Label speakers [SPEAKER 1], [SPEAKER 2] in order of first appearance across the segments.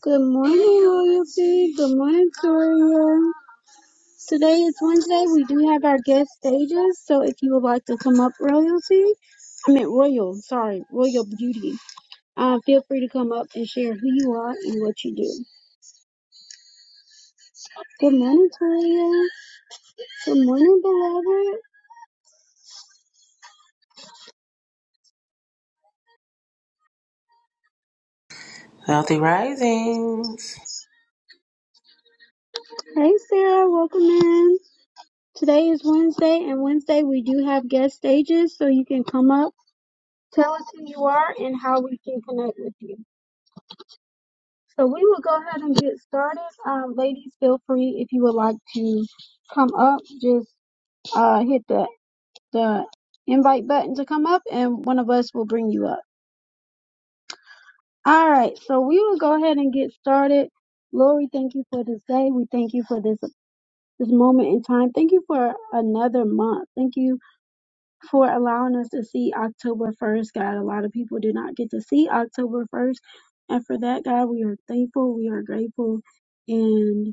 [SPEAKER 1] Good morning, Royalty. Good morning, Toria. Today is Wednesday. We do have our guest stages, so if you would like to come up, Royalty, I meant Royal, sorry, Royal Beauty, uh, feel free to come up and share who you are and what you do. Good morning, Toria. Good morning, beloved.
[SPEAKER 2] Wealthy Risings.
[SPEAKER 1] Hey, Sarah, welcome in. Today is Wednesday, and Wednesday we do have guest stages, so you can come up, tell us who you are, and how we can connect with you. So we will go ahead and get started. Um, ladies, feel free if you would like to come up, just uh, hit the, the invite button to come up, and one of us will bring you up. All right, so we will go ahead and get started. Lord, we thank you for this day. We thank you for this this moment in time. Thank you for another month. Thank you for allowing us to see October 1st, God. A lot of people do not get to see October 1st. And for that, God, we are thankful. We are grateful. and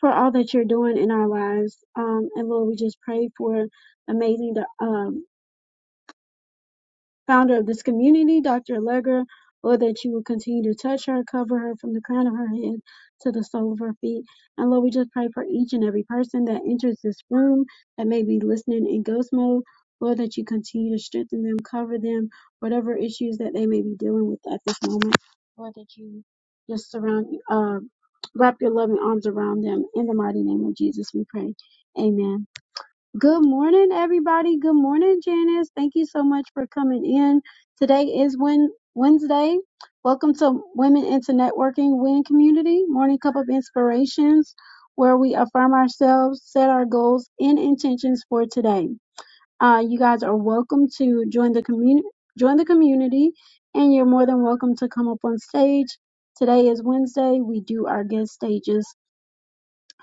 [SPEAKER 1] for all that you're doing in our lives. Um, and Lord, we just pray for amazing, um, founder of this community, Dr. Allegra, Lord, that you will continue to touch her, cover her from the crown of her head to the sole of her feet. And Lord, we just pray for each and every person that enters this room that may be listening in ghost mode. Lord, that you continue to strengthen them, cover them, whatever issues that they may be dealing with at this moment. Lord, that you just surround, uh, wrap your loving arms around them. In the mighty name of Jesus, we pray. Amen. Good morning, everybody. Good morning, Janice. Thank you so much for coming in. Today is Wed Wednesday. Welcome to Women into Networking Win Community Morning Cup of Inspirations, where we affirm ourselves, set our goals and intentions for today. Uh, you guys are welcome to join the community. Join the community, and you're more than welcome to come up on stage. Today is Wednesday. We do our guest stages,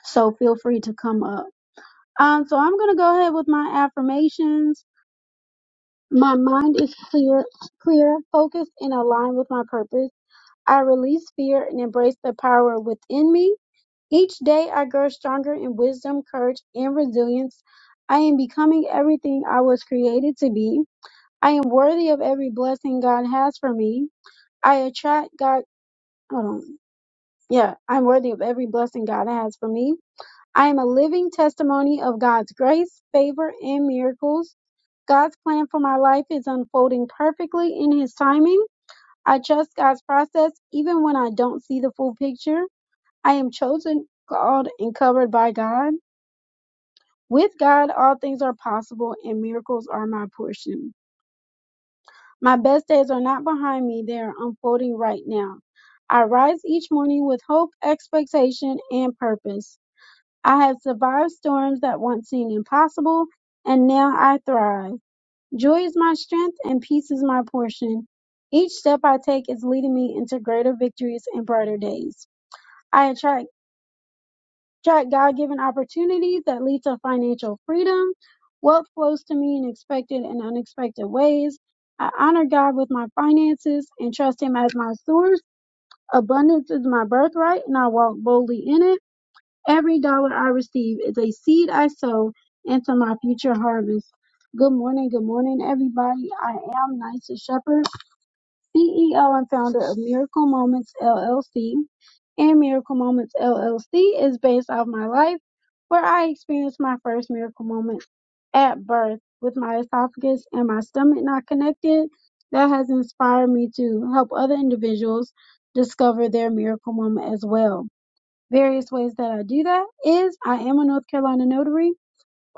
[SPEAKER 1] so feel free to come up. Um, so I'm gonna go ahead with my affirmations. My mind is clear, clear, focused, and aligned with my purpose. I release fear and embrace the power within me. Each day I grow stronger in wisdom, courage, and resilience. I am becoming everything I was created to be. I am worthy of every blessing God has for me. I attract God. Um, yeah, I'm worthy of every blessing God has for me. I am a living testimony of God's grace, favor, and miracles. God's plan for my life is unfolding perfectly in His timing. I trust God's process even when I don't see the full picture. I am chosen, called, and covered by God. With God, all things are possible and miracles are my portion. My best days are not behind me, they are unfolding right now. I rise each morning with hope, expectation, and purpose. I have survived storms that once seemed impossible, and now I thrive. Joy is my strength and peace is my portion. Each step I take is leading me into greater victories and brighter days. I attract, attract God given opportunities that lead to financial freedom. Wealth flows to me in expected and unexpected ways. I honor God with my finances and trust Him as my source. Abundance is my birthright and I walk boldly in it. Every dollar I receive is a seed I sow into my future harvest. Good morning, good morning, everybody. I am Nysa Shepherd, CEO and founder of Miracle Moments LLC. And Miracle Moments LLC is based off my life, where I experienced my first miracle moment at birth with my esophagus and my stomach not connected. That has inspired me to help other individuals discover their miracle moment as well various ways that I do that is I am a North Carolina notary,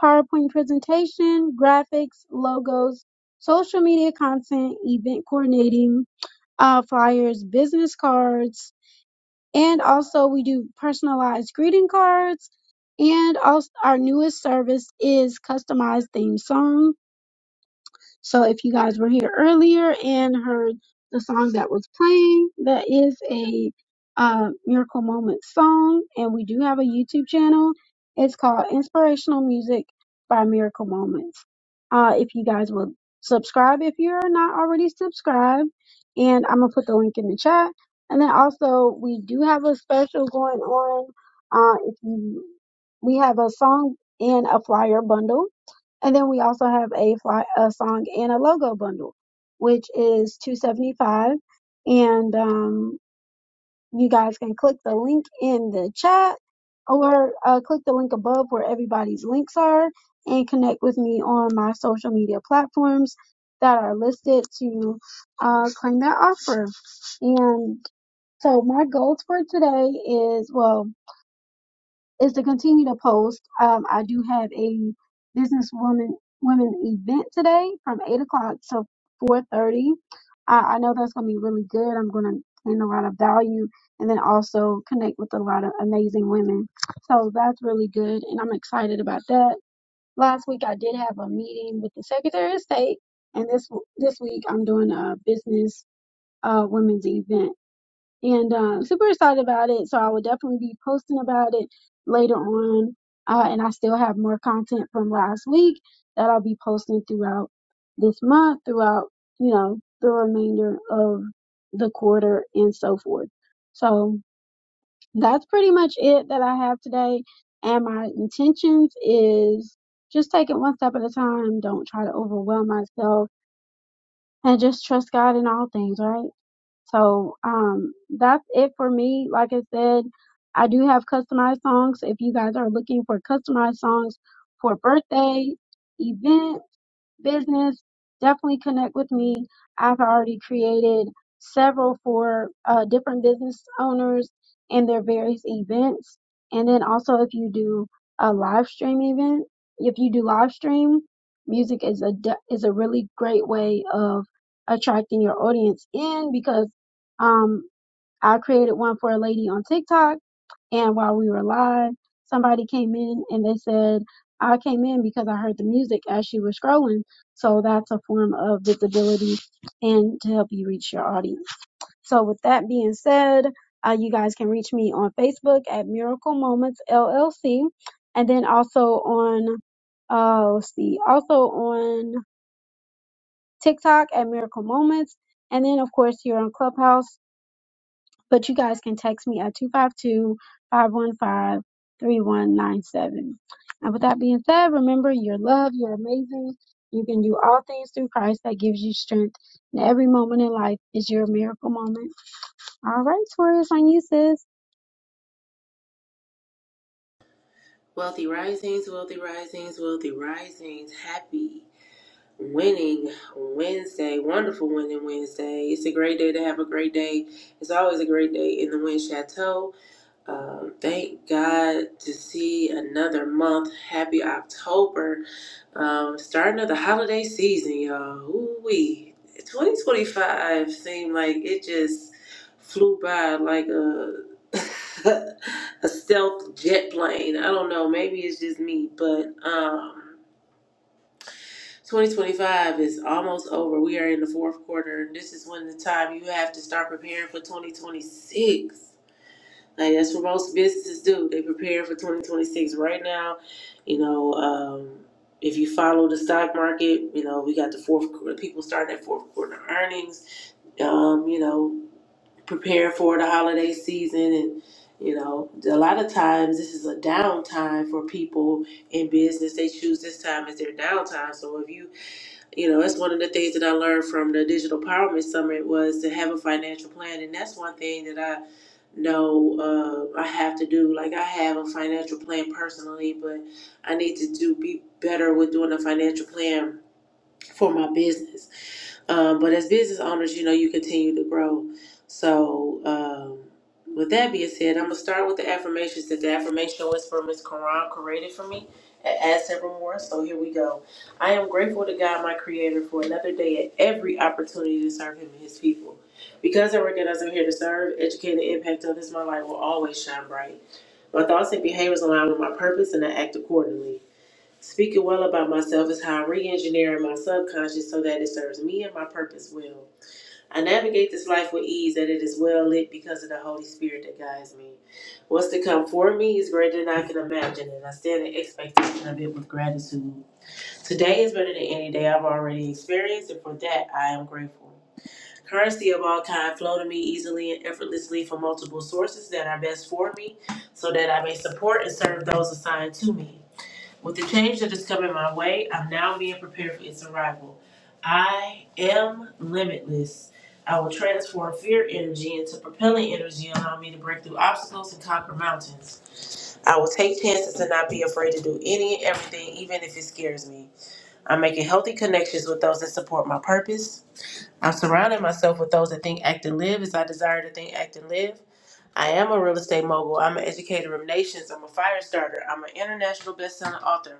[SPEAKER 1] PowerPoint presentation, graphics, logos, social media content, event coordinating, uh, flyers, business cards, and also we do personalized greeting cards. And also our newest service is customized theme songs so if you guys were here earlier and heard the song that was playing, that is a uh, Miracle Moment song, and we do have a YouTube channel. It's called Inspirational Music by Miracle Moments. Uh, if you guys will subscribe if you're not already subscribed, and I'm gonna put the link in the chat. And then also we do have a special going on. Uh, if you, we have a song and a flyer bundle and then we also have a fly, a song and a logo bundle, which is 275. And um, you guys can click the link in the chat or uh, click the link above where everybody's links are and connect with me on my social media platforms that are listed to uh, claim that offer. And so my goals for today is, well, is to continue to post. Um, I do have a businesswoman women event today from eight o'clock to four thirty. I, I know that's going to be really good. I'm going to gain a lot of value and then also connect with a lot of amazing women. So that's really good, and I'm excited about that. Last week I did have a meeting with the Secretary of State, and this this week I'm doing a business uh, women's event and um, super excited about it. So I will definitely be posting about it later on. Uh, and I still have more content from last week that I'll be posting throughout this month, throughout, you know, the remainder of the quarter and so forth. So that's pretty much it that I have today. And my intentions is just take it one step at a time. Don't try to overwhelm myself and just trust God in all things, right? So um, that's it for me. Like I said, I do have customized songs. If you guys are looking for customized songs for birthday, event, business, definitely connect with me. I've already created several for uh, different business owners and their various events. And then also, if you do a live stream event, if you do live stream, music is a de- is a really great way of attracting your audience in because um, I created one for a lady on TikTok and while we were live, somebody came in and they said, I came in because I heard the music as she was scrolling. So that's a form of visibility and to help you reach your audience. So with that being said, uh, you guys can reach me on Facebook at Miracle Moments LLC, and then also on, uh, let's see, also on TikTok at Miracle Moments, and then of course here on Clubhouse. But you guys can text me at 252 515 3197. And with that being said, remember you're loved, you're amazing, you can do all things through Christ that gives you strength. And every moment in life is your miracle moment. All right, Taurus, on you, sis.
[SPEAKER 2] Wealthy Risings, Wealthy Risings, Wealthy Risings. Happy winning Wednesday. Wonderful winning Wednesday. It's a great day to have a great day. It's always a great day in the Wind Chateau. Uh, thank God to see another month. Happy October. Um, starting of the holiday season, y'all. Ooh wee. 2025 seemed like it just flew by like a a stealth jet plane. I don't know, maybe it's just me, but um 2025 is almost over. We are in the fourth quarter, and this is when the time you have to start preparing for 2026. Like that's what most businesses do. They prepare for 2026 right now. You know, um, if you follow the stock market, you know we got the fourth quarter. People starting at fourth quarter earnings. Um, you know, prepare for the holiday season, and you know, a lot of times this is a downtime for people in business. They choose this time as their downtime. So if you, you know, that's one of the things that I learned from the Digital Empowerment Summit was to have a financial plan, and that's one thing that I no, uh, I have to do like I have a financial plan personally, but I need to do be better with doing a financial plan for my business. Um, but as business owners, you know, you continue to grow. So, um, with that being said, I'm going to start with the affirmations. That the affirmation was from Miss Quran, created for me at Add Several So, here we go. I am grateful to God, my creator, for another day and every opportunity to serve him and his people. Because I recognize I'm here to serve, educate, and impact others, my light will always shine bright. My thoughts and behaviors align with my purpose, and I act accordingly. Speaking well about myself is how I'm re engineering my subconscious so that it serves me and my purpose well. I navigate this life with ease, that it is well lit because of the Holy Spirit that guides me. What's to come for me is greater than I can imagine, and I stand in expectation of it with gratitude. Today is better than any day I've already experienced, and for that I am grateful. Currency of all kind flow to me easily and effortlessly from multiple sources that are best for me, so that I may support and serve those assigned to me. With the change that is coming my way, I'm now being prepared for its arrival. I am limitless. I will transform fear energy into propelling energy, allowing me to break through obstacles and conquer mountains. I will take chances and not be afraid to do any and everything, even if it scares me. I'm making healthy connections with those that support my purpose. I'm surrounding myself with those that think, act, and live as I desire to think, act, and live. I am a real estate mogul. I'm an educator of nations. I'm a fire starter. I'm an international best-selling author.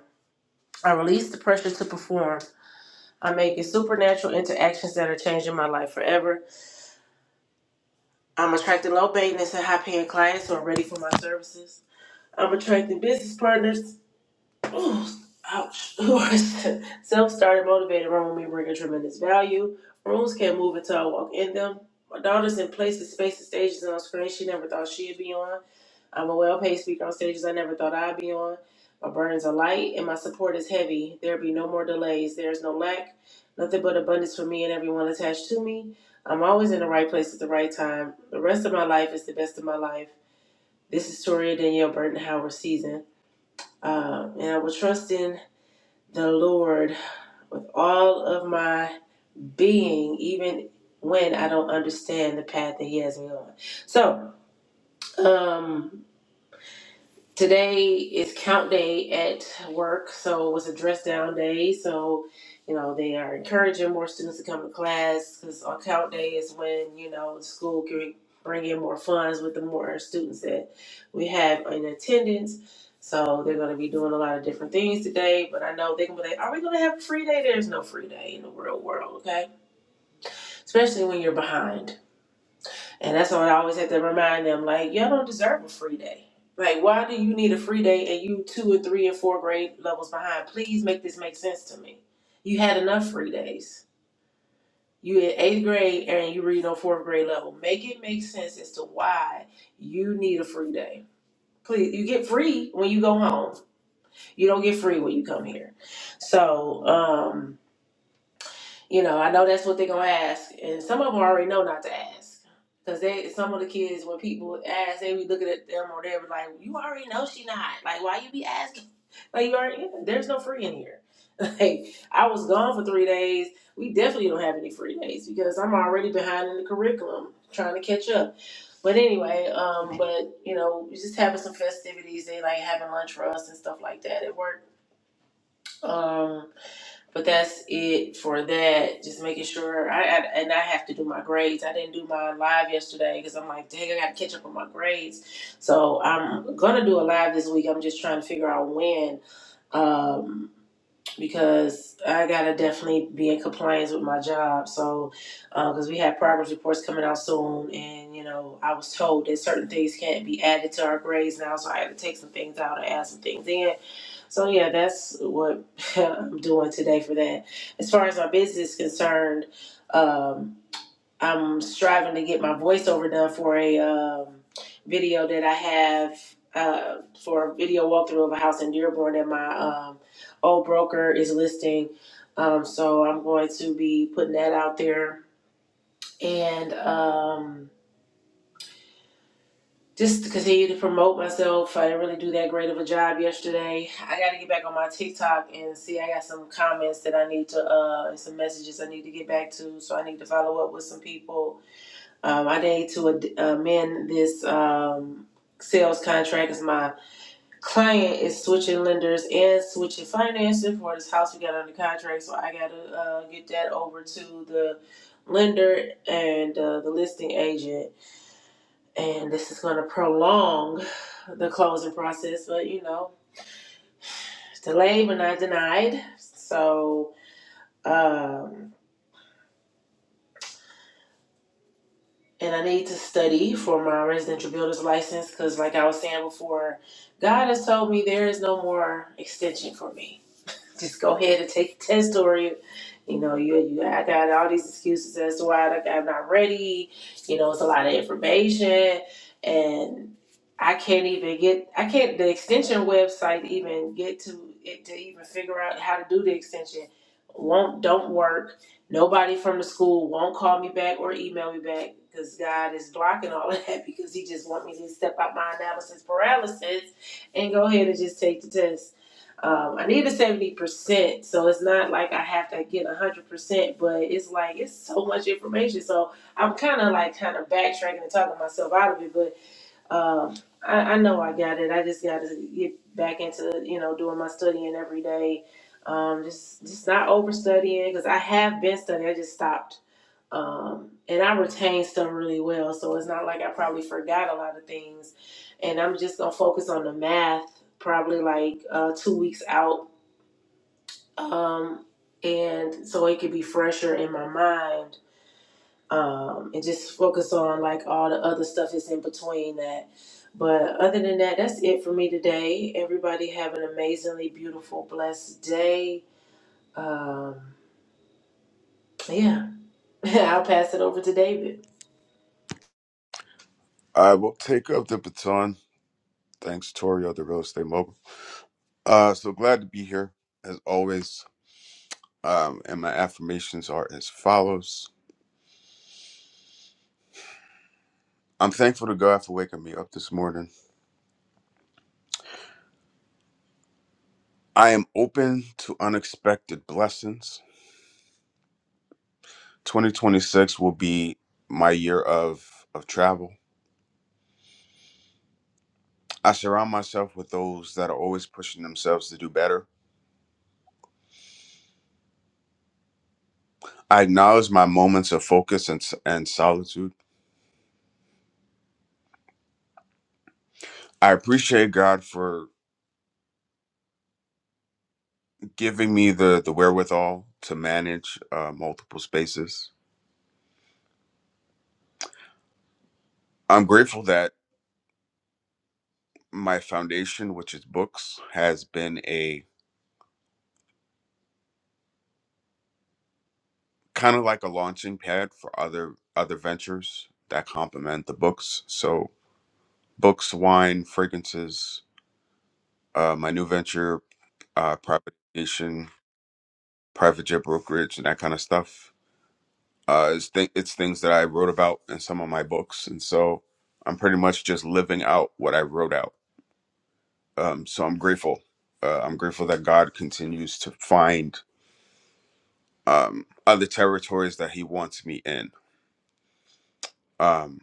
[SPEAKER 2] I release the pressure to perform. I'm making supernatural interactions that are changing my life forever. I'm attracting low maintenance and high paying clients who are ready for my services. I'm attracting business partners. Ooh, ouch. Who are self started, motivated, run with me, bringing tremendous value. Rooms can't move until I walk in them. My daughter's in places, spaces, stages, and on screen she never thought she'd be on. I'm a well paid speaker on stages I never thought I'd be on. My burdens are light and my support is heavy. There be no more delays. There is no lack, nothing but abundance for me and everyone attached to me. I'm always in the right place at the right time. The rest of my life is the best of my life. This is Toria Danielle Burton Howard season. Uh, and I will trust in the Lord with all of my being, even when I don't understand the path that He has me on. So, um, Today is count day at work, so it was a dress down day. So, you know, they are encouraging more students to come to class because on count day is when, you know, the school can bring in more funds with the more students that we have in attendance. So they're going to be doing a lot of different things today, but I know they're going to be like, are we going to have a free day? There's no free day in the real world, okay? Especially when you're behind. And that's what I always have to remind them, like, y'all don't deserve a free day. Like, why do you need a free day and you two and three and four grade levels behind? Please make this make sense to me. You had enough free days. You in eighth grade and you read on fourth grade level. Make it make sense as to why you need a free day. Please, you get free when you go home. You don't get free when you come here. So, um, you know, I know that's what they're gonna ask, and some of them already know not to ask, cause they some of the kids when people ask, they be looking at them or they be like, "You already know she not like why you be asking." Like you already, yeah, there's no free in here. Like I was gone for three days. We definitely don't have any free days because I'm already behind in the curriculum, trying to catch up. But anyway, um, but you know, just having some festivities. They like having lunch for us and stuff like that at work. Um, but that's it for that. Just making sure I, I and I have to do my grades. I didn't do my live yesterday because I'm like, dang, I got to catch up on my grades. So I'm gonna do a live this week. I'm just trying to figure out when, um, because I gotta definitely be in compliance with my job. So because we have progress reports coming out soon, and you know, I was told that certain things can't be added to our grades now, so I had to take some things out and add some things in so yeah, that's what I'm doing today for that. As far as my business is concerned, um, I'm striving to get my voiceover done for a um, video that I have uh, for a video walkthrough of a house in Dearborn that my um, old broker is listing. Um, so I'm going to be putting that out there and. Um, just to continue to promote myself. I didn't really do that great of a job yesterday. I got to get back on my TikTok and see. I got some comments that I need to, uh, and some messages I need to get back to. So I need to follow up with some people. Um, I need to amend this um, sales contract because my client is switching lenders and switching financing for this house we got under contract. So I got to uh, get that over to the lender and uh, the listing agent and this is going to prolong the closing process but you know it's delayed but not denied so um and i need to study for my residential builder's license because like i was saying before god has told me there is no more extension for me just go ahead and take the test or you you know you, you i got all these excuses as to why I- i'm not ready you know it's a lot of information and i can't even get i can't the extension website even get to it to even figure out how to do the extension won't don't work nobody from the school won't call me back or email me back because god is blocking all of that because he just want me to step out my analysis paralysis and go ahead and just take the test um, I need a seventy percent, so it's not like I have to get one hundred percent, but it's like it's so much information. So I'm kind of like kind of backtracking and talking myself out of it, but um, I, I know I got it. I just got to get back into you know doing my studying every day, um, just just not overstudying because I have been studying. I just stopped, um, and I retained stuff really well, so it's not like I probably forgot a lot of things, and I'm just gonna focus on the math probably like uh, two weeks out um, and so it could be fresher in my mind um, and just focus on like all the other stuff that's in between that but other than that that's it for me today everybody have an amazingly beautiful blessed day um, yeah i'll pass it over to david
[SPEAKER 3] I will take up the baton. Thanks, Tori of the Real Estate Mogul. Uh, so glad to be here as always. Um, and my affirmations are as follows. I'm thankful to God for waking me up this morning. I am open to unexpected blessings. 2026 will be my year of of travel. I surround myself with those that are always pushing themselves to do better. I acknowledge my moments of focus and, and solitude. I appreciate God for giving me the the wherewithal to manage uh, multiple spaces. I'm grateful that my foundation, which is books, has been a kind of like a launching pad for other other ventures that complement the books. So books, wine, fragrances, uh, my new venture, uh, privatization, private jet brokerage, and that kind of stuff. Uh, it's, th- it's things that I wrote about in some of my books, and so I'm pretty much just living out what I wrote out um, so I'm grateful. Uh, I'm grateful that God continues to find um, other territories that He wants me in. Um,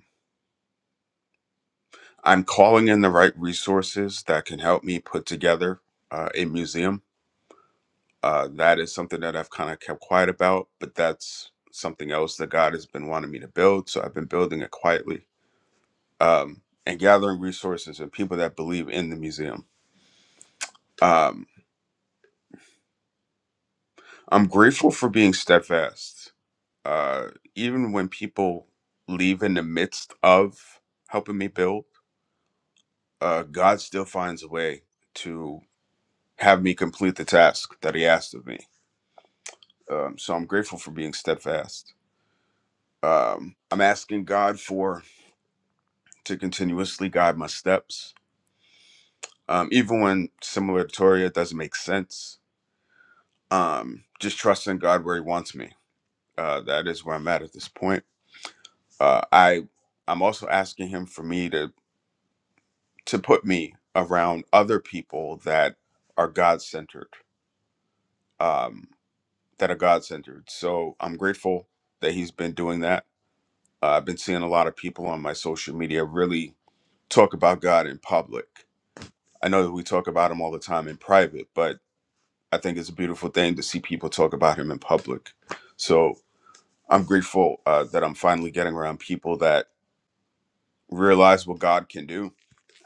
[SPEAKER 3] I'm calling in the right resources that can help me put together uh, a museum. Uh, that is something that I've kind of kept quiet about, but that's something else that God has been wanting me to build. So I've been building it quietly um, and gathering resources and people that believe in the museum. Um, I'm grateful for being steadfast uh, even when people leave in the midst of helping me build, uh, God still finds a way to have me complete the task that He asked of me. Um, so I'm grateful for being steadfast. Um, I'm asking God for to continuously guide my steps, um, even when similar to Toria it doesn't make sense. Um, just trusting God where He wants me. Uh, that is where I'm at at this point. Uh, I I'm also asking Him for me to to put me around other people that are God centered, um, that are God centered. So I'm grateful that he's been doing that. Uh, I've been seeing a lot of people on my social media really talk about God in public. I know that we talk about him all the time in private, but I think it's a beautiful thing to see people talk about him in public. So I'm grateful uh, that I'm finally getting around people that realize what God can do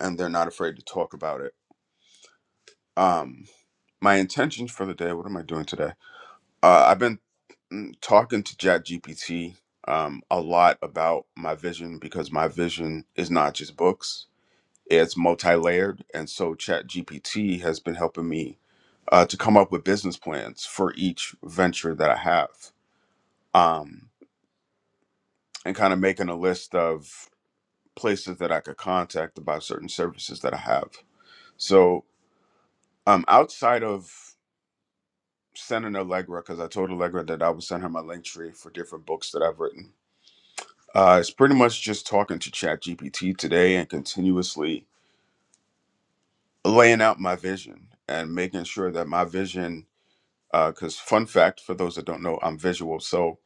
[SPEAKER 3] and they're not afraid to talk about it. Um, my intentions for the day what am i doing today uh, i've been mm, talking to ChatGPT um, a lot about my vision because my vision is not just books it's multi-layered and so ChatGPT has been helping me uh, to come up with business plans for each venture that i have um, and kind of making a list of places that i could contact about certain services that i have so um, outside of sending Allegra because I told Allegra that I would send her my link tree for different books that I've written. Uh, it's pretty much just talking to ChatGPT today and continuously laying out my vision and making sure that my vision. Because fun fact for those that don't know, I'm visual, so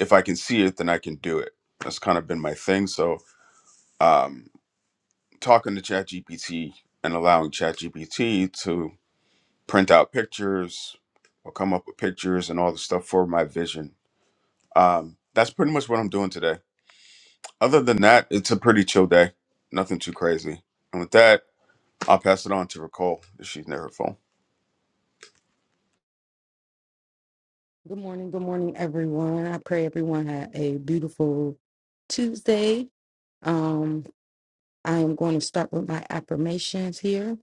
[SPEAKER 3] if I can see it, then I can do it. That's kind of been my thing. So um, talking to ChatGPT and allowing ChatGPT to print out pictures or come up with pictures and all the stuff for my vision Um, that's pretty much what I'm doing today. Other than that, it's a pretty chill day. Nothing too crazy. And with that, I'll pass it on to Ricole if she's near her phone.
[SPEAKER 4] Good morning, good morning, everyone. I pray everyone had a beautiful Tuesday. Um, I am going to start with my affirmations here.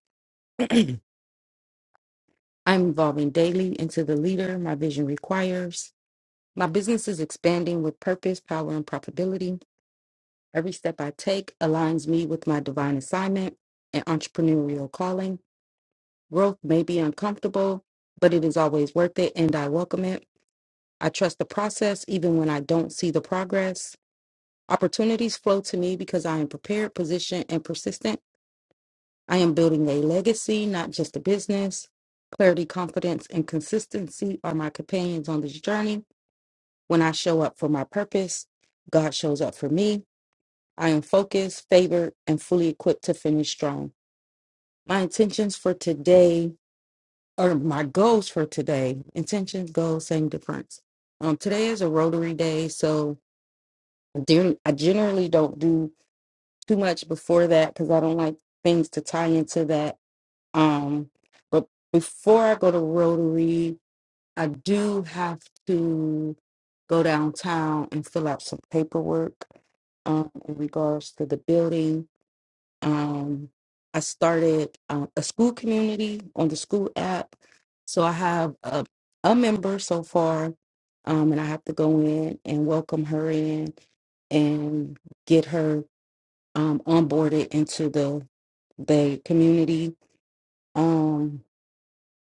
[SPEAKER 4] I'm evolving daily into the leader my vision requires. My business is expanding with purpose, power, and profitability. Every step I take aligns me with my divine assignment and entrepreneurial calling. Growth may be uncomfortable, but it is always worth it, and I welcome it. I trust the process even when I don't see the progress. Opportunities flow to me because I am prepared, positioned, and persistent. I am building a legacy, not just a business. Clarity, confidence, and consistency are my companions on this journey. When I show up for my purpose, God shows up for me. I am focused, favored, and fully equipped to finish strong. My intentions for today, or my goals for today, intentions, goals, same difference. Um, today is a Rotary Day, so I gen- I generally don't do too much before that because I don't like things to tie into that. Um, but before I go to Rotary, I do have to go downtown and fill out some paperwork um, in regards to the building. Um, I started um, a school community on the school app. So I have a, a member so far, um, and I have to go in and welcome her in and get her um, onboarded into the the community. Um,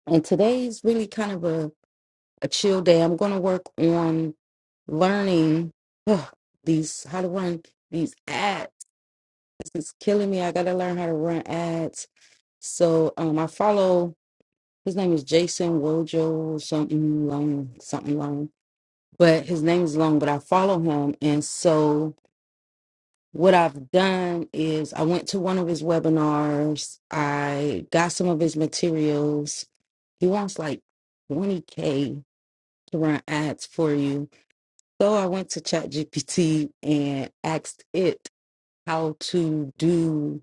[SPEAKER 4] and today's really kind of a, a chill day. I'm going to work on learning ugh, these how to run these ads. This is killing me. I got to learn how to run ads. So um, I follow his name is Jason Wojo something long something long, but his name is long. But I follow him, and so what I've done is I went to one of his webinars. I got some of his materials. He wants like 20K to run ads for you. So I went to ChatGPT and asked it how to do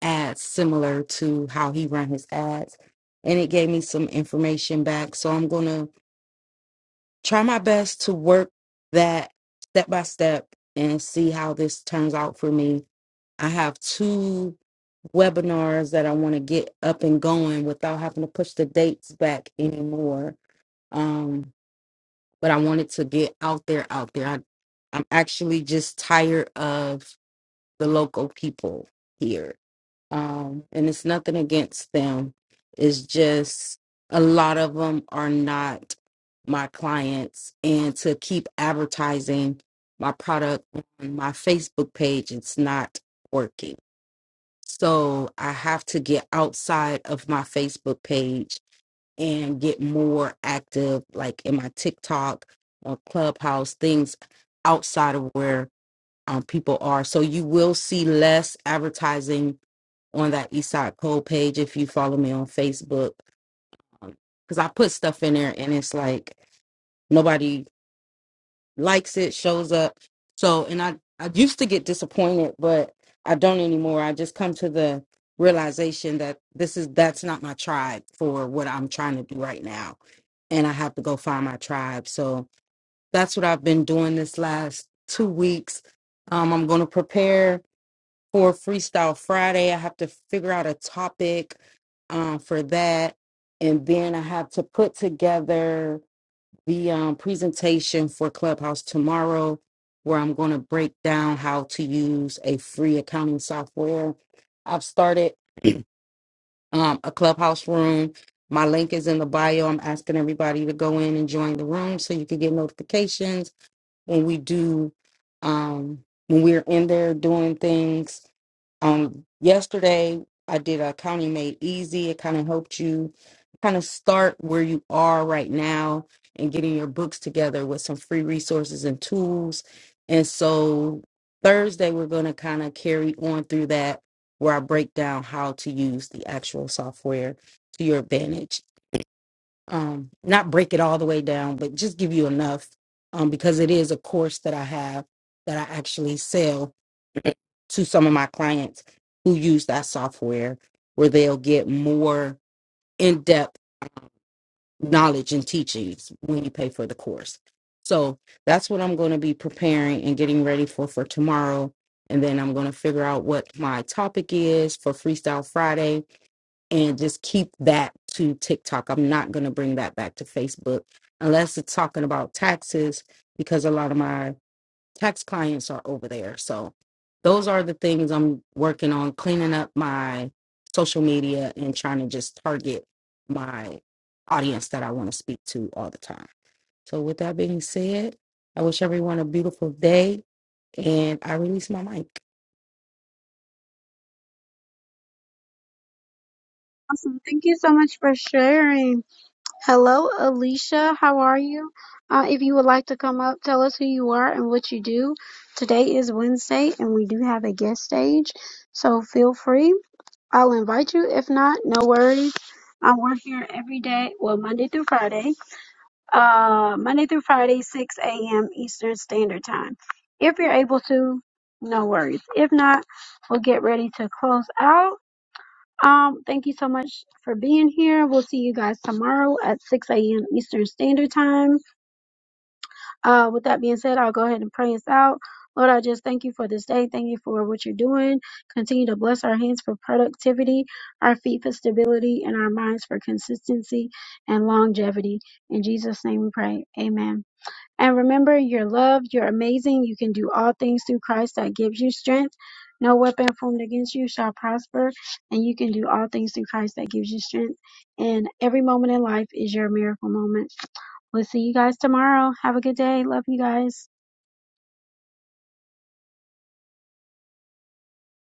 [SPEAKER 4] ads similar to how he run his ads. And it gave me some information back. So I'm going to try my best to work that step by step and see how this turns out for me. I have two webinars that I want to get up and going without having to push the dates back anymore. Um, but I wanted to get out there, out there. I, I'm actually just tired of the local people here. Um, and it's nothing against them. It's just a lot of them are not my clients. And to keep advertising my product on my Facebook page, it's not working so I have to get outside of my Facebook page and get more active, like in my TikTok or Clubhouse, things outside of where um, people are. So you will see less advertising on that Eastside Cole page if you follow me on Facebook. Because I put stuff in there and it's like nobody likes it, shows up. So, and I I used to get disappointed, but I don't anymore. I just come to the realization that this is that's not my tribe for what I'm trying to do right now, and I have to go find my tribe. So that's what I've been doing this last two weeks. Um, I'm going to prepare for Freestyle Friday. I have to figure out a topic um, for that, and then I have to put together the um, presentation for Clubhouse tomorrow, where I'm going to break down how to use a free accounting software. I've started um, a Clubhouse room. My link is in the bio. I'm asking everybody to go in and join the room so you can get notifications when we do, um, when we're in there doing things. Um, yesterday I did a County Made Easy. It kind of helped you kind of start where you are right now and getting your books together with some free resources and tools. And so Thursday we're going to kind of carry on through that where I break down how to use the actual software to your advantage. Um, not break it all the way down, but just give you enough um, because it is a course that I have that I actually sell to some of my clients who use that software where they'll get more in-depth knowledge and teachings when you pay for the course so that's what i'm going to be preparing and getting ready for for tomorrow and then i'm going to figure out what my topic is for freestyle friday and just keep that to tiktok i'm not going to bring that back to facebook unless it's talking about taxes because a lot of my tax clients are over there. So those are the things I'm working on cleaning up my social media and trying to just target my audience that I want to speak to all the time. So with that being said, I wish everyone a beautiful day and I release my mic.
[SPEAKER 1] Awesome. Thank you so much for sharing. Hello, Alicia. How are you? Uh, if you would like to come up, tell us who you are and what you do. Today is Wednesday, and we do have a guest stage, so feel free. I'll invite you. If not, no worries. I work here every day, well, Monday through Friday, uh, Monday through Friday, 6 a.m. Eastern Standard Time. If you're able to, no worries. If not, we'll get ready to close out. Um, thank you so much for being here. We'll see you guys tomorrow at 6 a.m. Eastern Standard Time. Uh, with that being said, I'll go ahead and pray us out. Lord, I just thank you for this day. Thank you for what you're doing. Continue to bless our hands for productivity, our feet for stability, and our minds for consistency and longevity. In Jesus' name we pray. Amen. And remember, you're loved, you're amazing, you can do all things through Christ that gives you strength. No weapon formed against you shall prosper, and you can do all things through Christ that gives you strength. And every moment in life is your miracle moment. We'll see you guys tomorrow. Have a good day. Love you guys.